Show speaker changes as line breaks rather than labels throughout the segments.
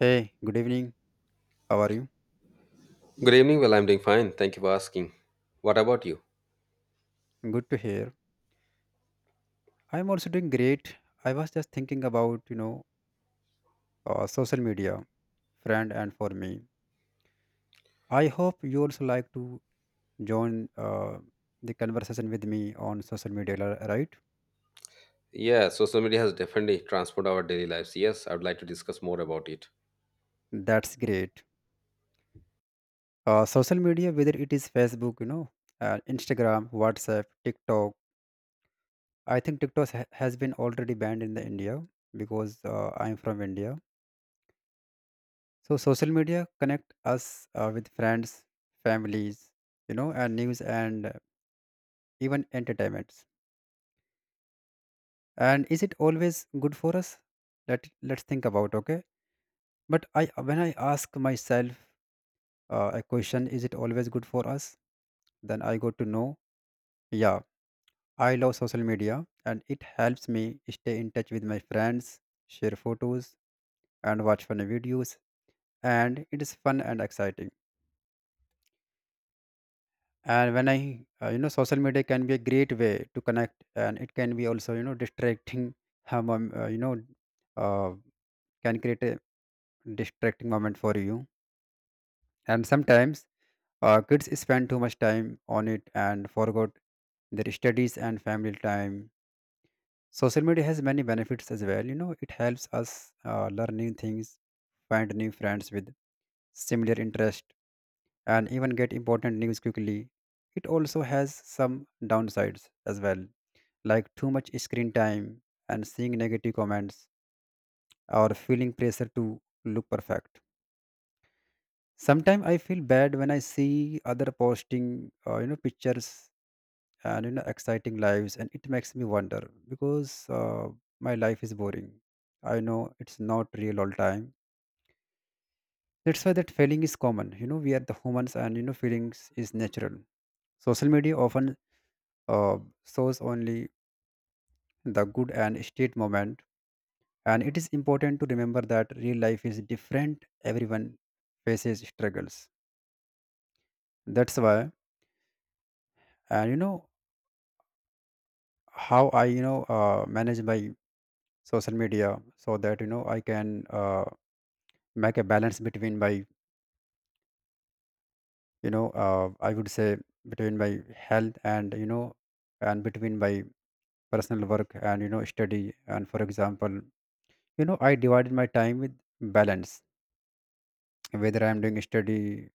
Hey, good evening. How are you?
Good evening. Well, I'm doing fine. Thank you for asking. What about you?
Good to hear. I'm also doing great. I was just thinking about, you know, social media, friend, and for me. I hope you also like to join the conversation with me on social media, right?
Yeah, social media has definitely transformed our daily lives. Yes, I would like to discuss more about it.
That's great. Social media, whether it is Facebook, you know, Instagram, WhatsApp, TikTok. I think TikTok has been already banned in the India because I'm from India. So social media connect us with friends, families, you know, and news and even entertainments. And is it always good for us? Let's think about, okay. But I when I ask myself a question, is it always good for us? Then I got to know, yeah, I love social media and it helps me stay in touch with my friends, share photos, and watch funny videos, and it is fun and exciting. And when I you know, social media can be a great way to connect, and it can be also, you know, distracting. You know, uh, can create a distracting moment for you. And sometimes kids spend too much time on it and forgot their studies and family time. Social media has many benefits as well, you know. It helps us learn new things, find new friends with similar interest, and even get important news quickly. It also has some downsides as well, like too much screen time and seeing negative comments or feeling pressure to look perfect. Sometimes I feel bad when I see other posting, you know, pictures and you know exciting lives, and it makes me wonder because my life is boring. I know it's not real all time. That's why that feeling is common. You know, we are the humans, and you know, feelings is natural. Social media often uh, shows only the good and state moment, and it is important to remember that real life is different. Everyone faces struggles. That's why, and you know, how I you know manage my social media so that you know I can, make a balance between my, you know, I would say between my health and you know, and between my personal work and you know study. And for example, you know, I divided my time with balance. Whether I'm doing study,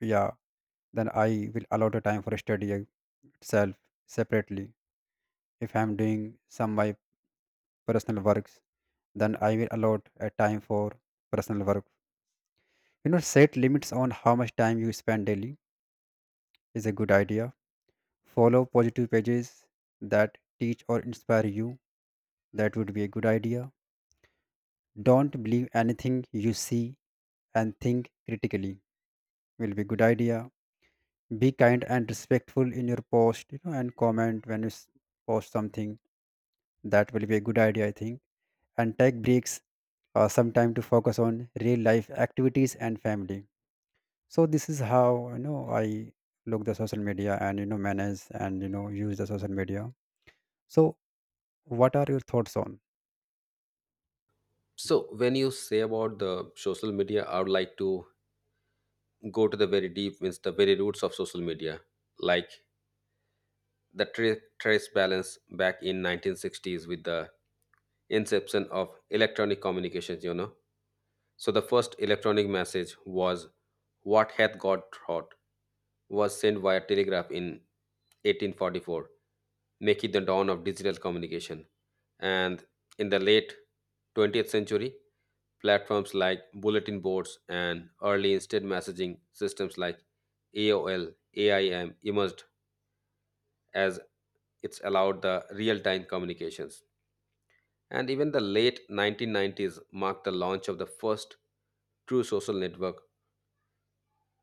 yeah, then I will allow the time for study, itself, separately. If I am doing some my personal works, then I will allot a time for personal work. You know, set limits on how much time you spend daily is a good idea. Follow positive pages that teach or inspire you, that would be a good idea. Don't believe anything you see and think critically, will be good idea. Be kind and respectful in your post, you know, and comment. When you post something, that will be a good idea, I think. And take breaks, some time to focus on real life activities and family. So this is how, you know, I look the social media and you know manage and you know use the social media. So what are your thoughts on?
So, when you say about the social media, I would like to go to the very deep, means the very roots of social media, like the trace balance back in 1960s with the inception of electronic communications. So the first electronic message was "What hath God wrought," was sent via telegraph in 1844, making the dawn of digital communication. And in the late 20th century, platforms like bulletin boards and early instant messaging systems like AOL, AIM emerged as it's allowed the real time communications. And even the late 1990s marked the launch of the first true social network,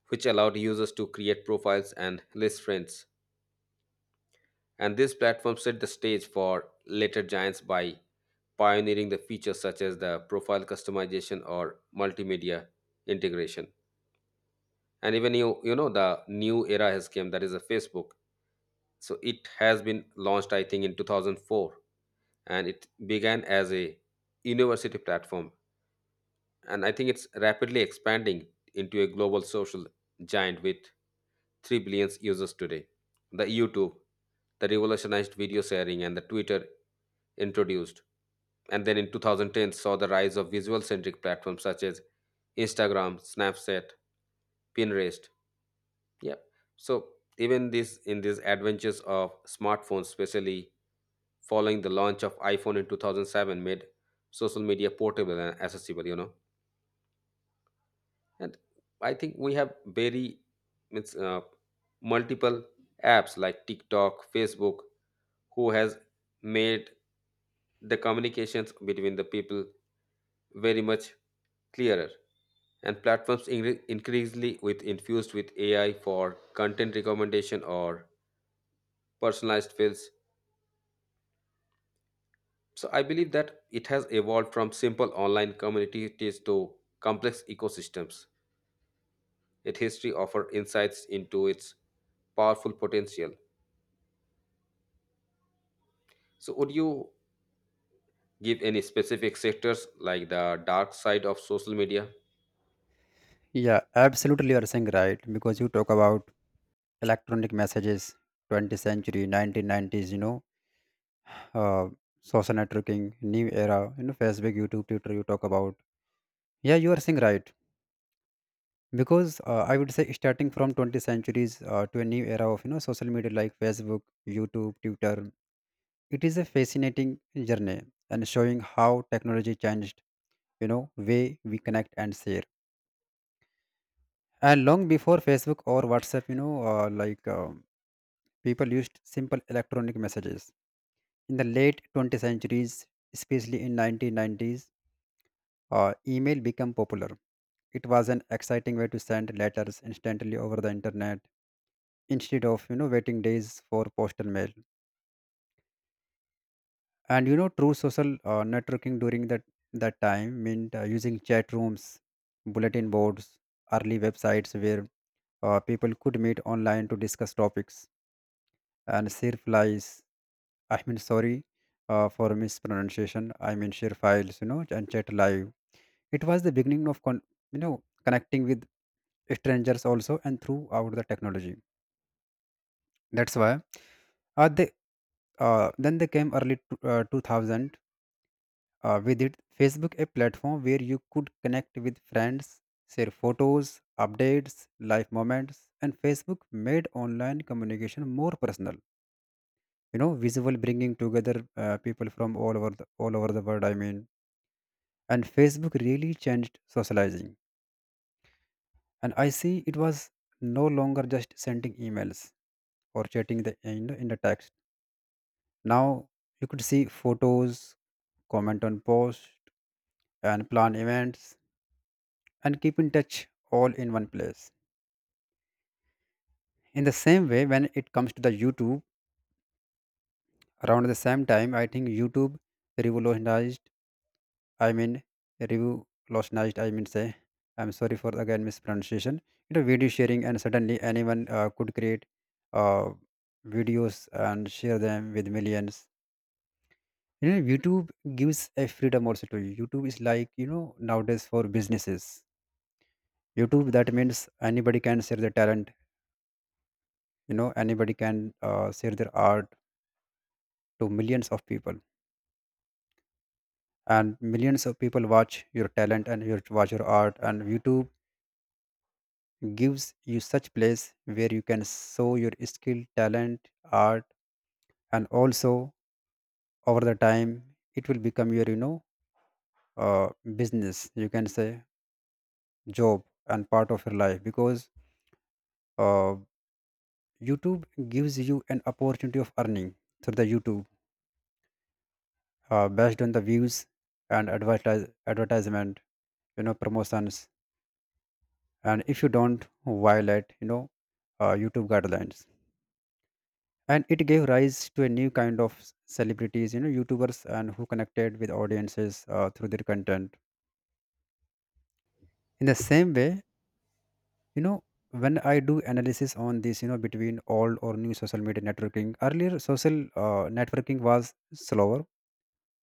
which allowed users to create profiles and list friends. And this platform set the stage for later giants by pioneering the features such as the profile customization or multimedia integration. And even you, you know the new era has came, that is a Facebook. So it has been launched, I think, in 2004, and it began as a university platform, and I think it's rapidly expanding into a global social giant with 3 billion users today. The YouTube, the revolutionized video sharing, and the Twitter introduced. And then in 2010 saw the rise of visual centric platforms such as Instagram, Snapchat, Pinterest. Yeah. So even this in these adventures of smartphones, especially following the launch of iPhone in 2007, made social media portable and accessible. You know, and I think we have very it's, uh, multiple apps like TikTok, Facebook, who has made the communications between the people very much clearer, and platforms increasingly with infused with ai for content recommendation or personalized fields. So I believe that it has evolved from simple online communities to complex ecosystems. Its history offers insights into its powerful potential. So would you give any specific sectors like the dark side of social media?
Yeah, absolutely, you are saying right, because you talk about electronic messages, 20th century, 1990s, you know, uh, social networking, new era, you know, Facebook, YouTube, Twitter. You talk about. Yeah, you are saying right, because I would say starting from 20th centuries to a new era of you know social media like Facebook, YouTube, Twitter, it is a fascinating journey, and showing how technology changed, you know, way we connect and share. And long before Facebook or WhatsApp, you know, like people used simple electronic messages in the late 20th centuries, especially in 1990s. Email became popular. It was an exciting way to send letters instantly over the internet instead of, you know, waiting days for postal mail. And you know true social networking during that time meant using chat rooms, bulletin boards, early websites where people could meet online to discuss topics and share files. I mean, sorry, for mispronunciation, I mean, share files, you know, and chat live. It was the beginning of you know, connecting with strangers also, and throughout the technology. That's why they then they came early 2000 with it Facebook, a platform where you could connect with friends, share photos, updates life moments. And Facebook made online communication more personal, you know, visual, bringing together people from all over the world, I mean. And Facebook really changed socializing, and I see it was no longer just sending emails or chatting in the text. Now you could see photos, comment on posts, and plan events and keep in touch all in one place. In the same way, when it comes to the YouTube, around the same time, I think YouTube revolutionized, I mean, say, I'm sorry for again mispronunciation, you know, video sharing, and suddenly anyone could create uh, videos and share them with millions. You know, YouTube gives a freedom also to you. YouTube is like, you know, nowadays for businesses, YouTube, that means anybody can share their talent, you know. Anybody can share their art to millions of people, and millions of people watch your talent and your watch your art. And YouTube gives you such place where you can show your skill, talent, art. And also, over the time, it will become your, you know, uh, business, you can say, job, and part of your life. Because uh, YouTube gives you an opportunity of earning through the YouTube, based on the views and advertisement, you know, promotions. And if you don't violate, you know, YouTube guidelines. And it gave rise to a new kind of celebrities, you know, YouTubers, and who connected with audiences through their content. In the same way, you know, when I do analysis on this, you know, between old or new social media networking, earlier social networking was slower,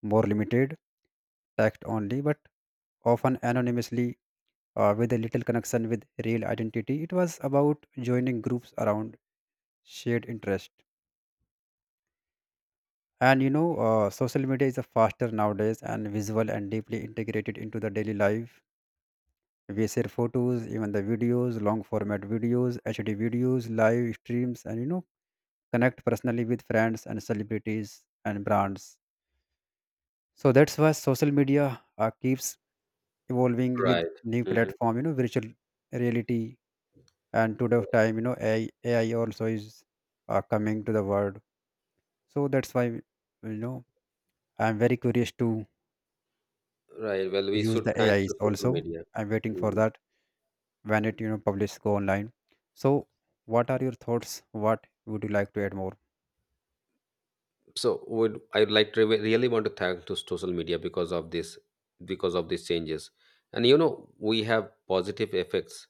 more limited act only, but often anonymously with a little connection with real identity. It was about joining groups around shared interest. And you know, social media is a faster nowadays, and visual and deeply integrated into the daily life. We share photos, even the videos, long format videos, HD videos, live streams, and you know, connect personally with friends and celebrities and brands. So that's why social media keeps evolving with
Right.
new
Mhm.
platform, you know, virtual reality. And today of time, you know, AI also is coming to the world. So that's why, you know, I'm very curious to
Right, well, we
use
should
the
thanks to
AIs
social
also.
media.
I'm waiting for
Mhm.
that when it, you know, published go online. So what are your thoughts, what would you like to add more?
So would I like to re- really want to thank to social media because of this, because of these changes. And you know we have positive effects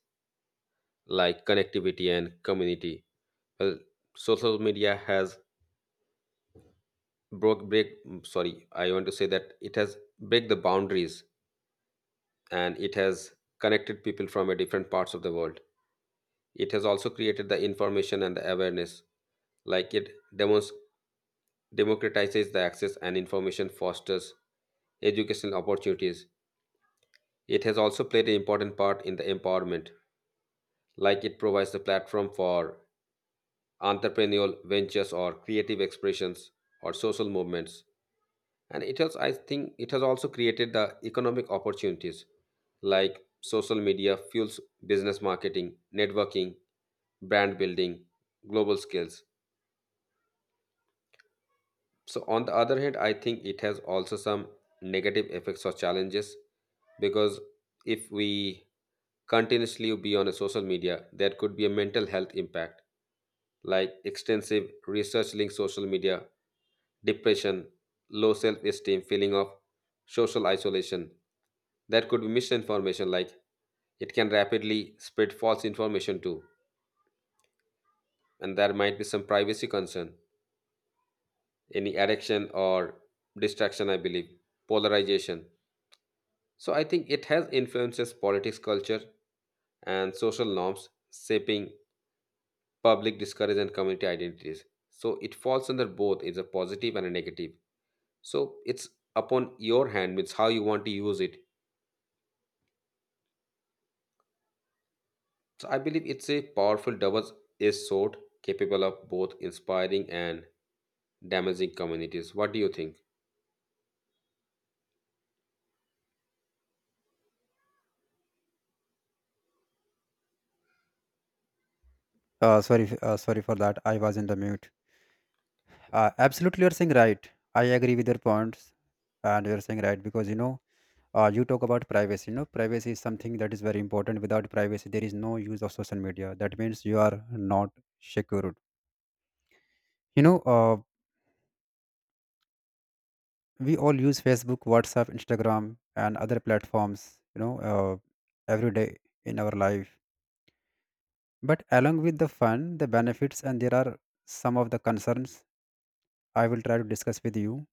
like connectivity and community. Well, social media has sorry, I want to say that it has break the boundaries, and it has connected people from a different parts of the world. It has also created the information and the awareness, like it demos democratizes the access and information, fosters educational opportunities. It has also played an important part in the empowerment, like it provides the platform for entrepreneurial ventures or creative expressions or social movements. And it has, I think, it has also created the economic opportunities, like social media fuels business marketing, networking, brand building, global skills. So, on the other hand, I think it has also some negative effects or challenges, because if we continuously be on a social media, there could be a mental health impact, like extensive research linked social media, depression, low self esteem, feeling of social isolation. That could be misinformation, like it can rapidly spread false information too, and there might be some privacy concern, any addiction or distraction, I believe, polarization. So I think it has influences politics, culture, and social norms, shaping public discourage and community identities. So it falls under both. It's a positive and a negative. So it's upon your hand means how you want to use it. So I believe it's a powerful double-edged sword capable of both inspiring and damaging communities. What do you think?
Sorry sorry for that, I was in the mute. Absolutely, you're saying right. I agree with your points, and you're saying right, because you know, you talk about privacy. You know, privacy is something that is very important. Without privacy, there is no use of social media. That means you are not secured. You know, we all use Facebook, WhatsApp, Instagram, and other platforms, you know, every day in our life. But along with the fun, the benefits, and there are some of the concerns I will try to discuss with you.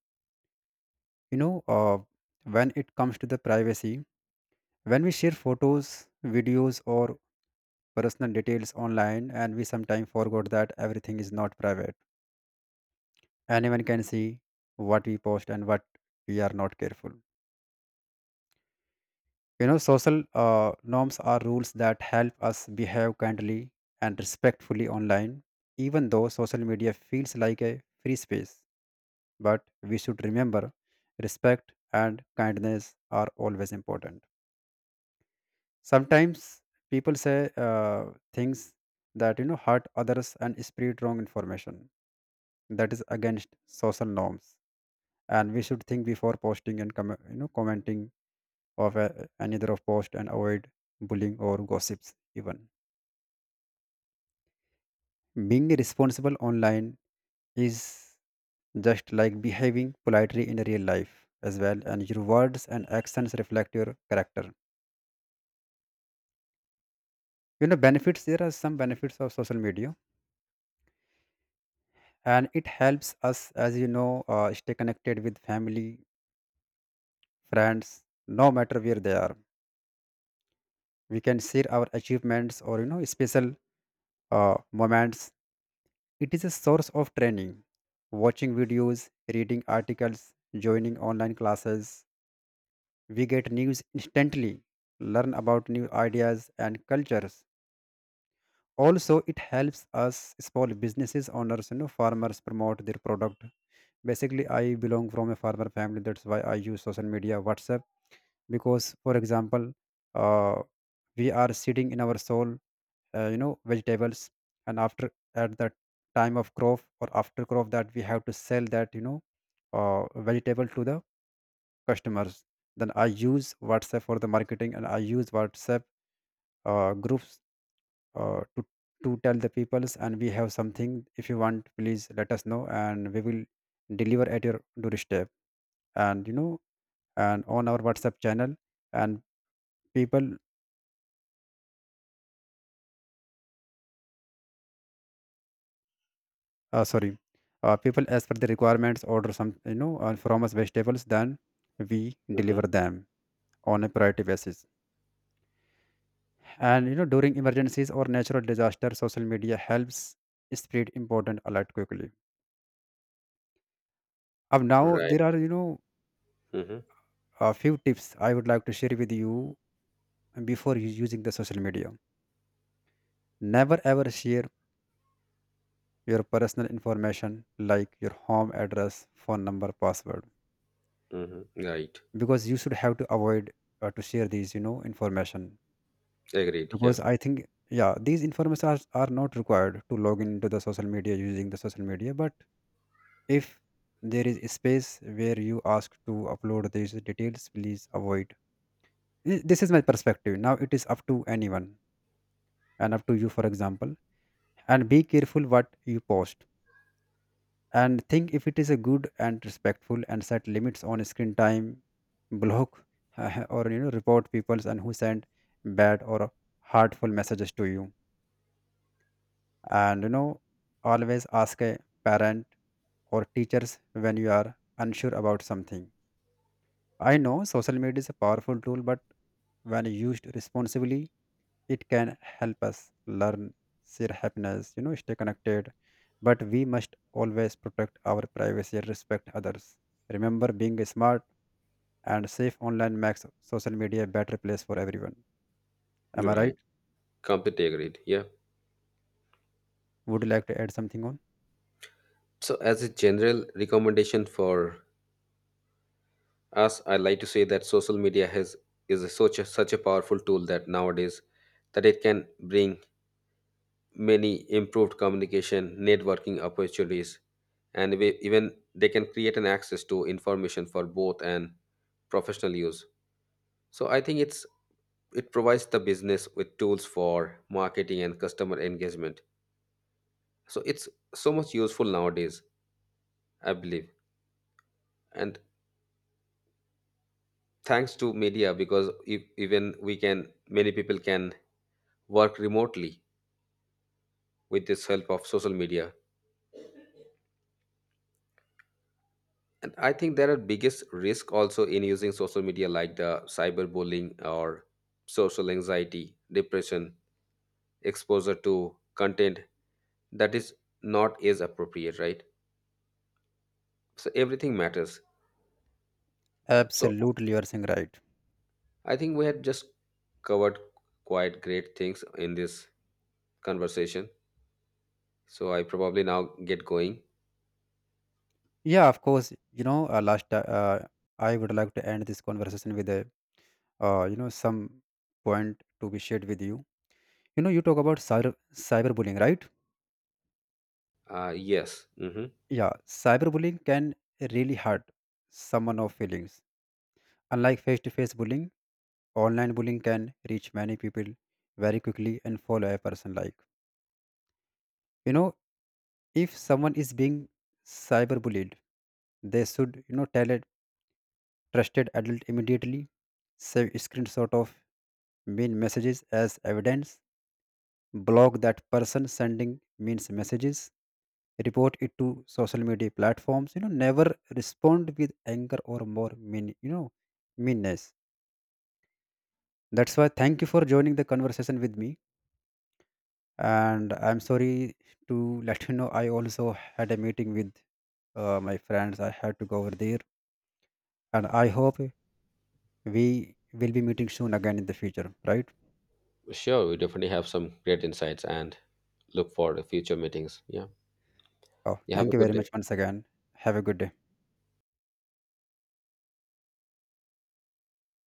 You know, when it comes to the privacy, when we share photos, videos, or personal details online, and we sometimes forgot that everything is not private. Anyone can see what we post and what we are not careful. You know, social norms are rules that help us behave kindly and respectfully online, even though social media feels like a free space. But we should remember respect and kindness are always important. Sometimes people say things that you know hurt others and spread wrong information. That is against social norms, and we should think before posting and you know commenting of a, another of post, and avoid bullying or gossips even. Being responsible online is just like behaving politely in real life as well, and your words and actions reflect your character. You know, benefits, there are some benefits of social media. And it helps us, as you know, stay connected with family, friends, no matter where they are. We can share our achievements or you know special moments. It is a source of training. Watching videos, reading articles, joining online classes, we get news instantly, learn about new ideas and cultures. Also, it helps us small businesses owners, you know, farmers promote their product. Basically, I belong from a farmer family. That's why I use social media, WhatsApp, because, for example, uh, we are sitting in our soul you know vegetables, and after at that time of crop or after crop, that we have to sell that, you know, uh, vegetable to the customers. Then I use WhatsApp for the marketing, and I use WhatsApp groups uh, to to tell the peoples, and we have something, if you want please let us know and we will deliver at your doorstep. And you know, and on our WhatsApp channel, and people uh, sorry, people as per the requirements order some, you know, from us vegetables, then we
Hmm.
deliver them on a priority basis. And, you know, during emergencies or natural disaster, social media helps spread important alert quickly. Ab now
Right.
there are, you know,
Hmm.
a few tips I would like to share with you before using the social media. Never ever share your personal information like your home address, phone number, password,
Hmm. Right.
because you should have to avoid to share these, you know, information.
Agreed, yeah.
Because I think, yeah, these information are not required to log into the social media, using the social media. But if there is a space where you ask to upload these details, please avoid. This is my perspective. Now it is up to anyone and up to you, for example. And be careful what you post, and think if it is a good and respectful, and set limits on screen time. Block or you know report peoples and who send bad or hurtful messages to you. And you know always ask a parent or teachers when you are unsure about something. I know social media is a powerful tool, but when used responsibly, it can help us learn, share happiness, you know, stay connected. But we must always protect our privacy and respect others. Remember, being smart and safe online makes social media a better place for everyone.
You're
Am I right?
right. Completely agreed, yeah.
Would you like to add something on?
So as a general recommendation for, as I like to say, that social media has is a, such a powerful tool that nowadays that it can bring many improved communication networking opportunities, and even they can create an access to information for both and professional use. So I think it's, it provides the business with tools for marketing and customer engagement, so it's so much useful nowadays, I believe. And thanks to media, because if, even we can, many people can work remotely with this help of social media. And I think there are biggest risk also in using social media like the cyberbullying or social anxiety, depression, exposure to content that is not is appropriate, right? So everything matters. Yep. So
Absolutely, you are saying right.
I think we had just covered quite great things in this conversation, so I probably now get going.
Yeah, of course. You know, I would like to end this conversation with a you know some point to be shared with you. You know, you talk about cyberbullying, right?
Uh, yes. Hmm.
Yeah, cyberbullying can really hurt someone of feelings. Unlike face-to-face bullying, online bullying can reach many people very quickly and follow a person like. You know, if someone is being cyberbullied, they should you know tell a trusted adult immediately. Save screenshot of mean messages as evidence, block that person sending means messages, report it to social media platforms, you know, never respond with anger or more mean, you know, meanness. That's why thank you for joining the conversation with me. And I'm sorry to let you know I also had a meeting with my friends. I had to go over there. And I hope we will be meeting soon again in the future, right?
Sure, we definitely have some great insights and look for future meetings, yeah.
Oh,
You have
thank
a
you
good
very
day.
much once again. Have a good day.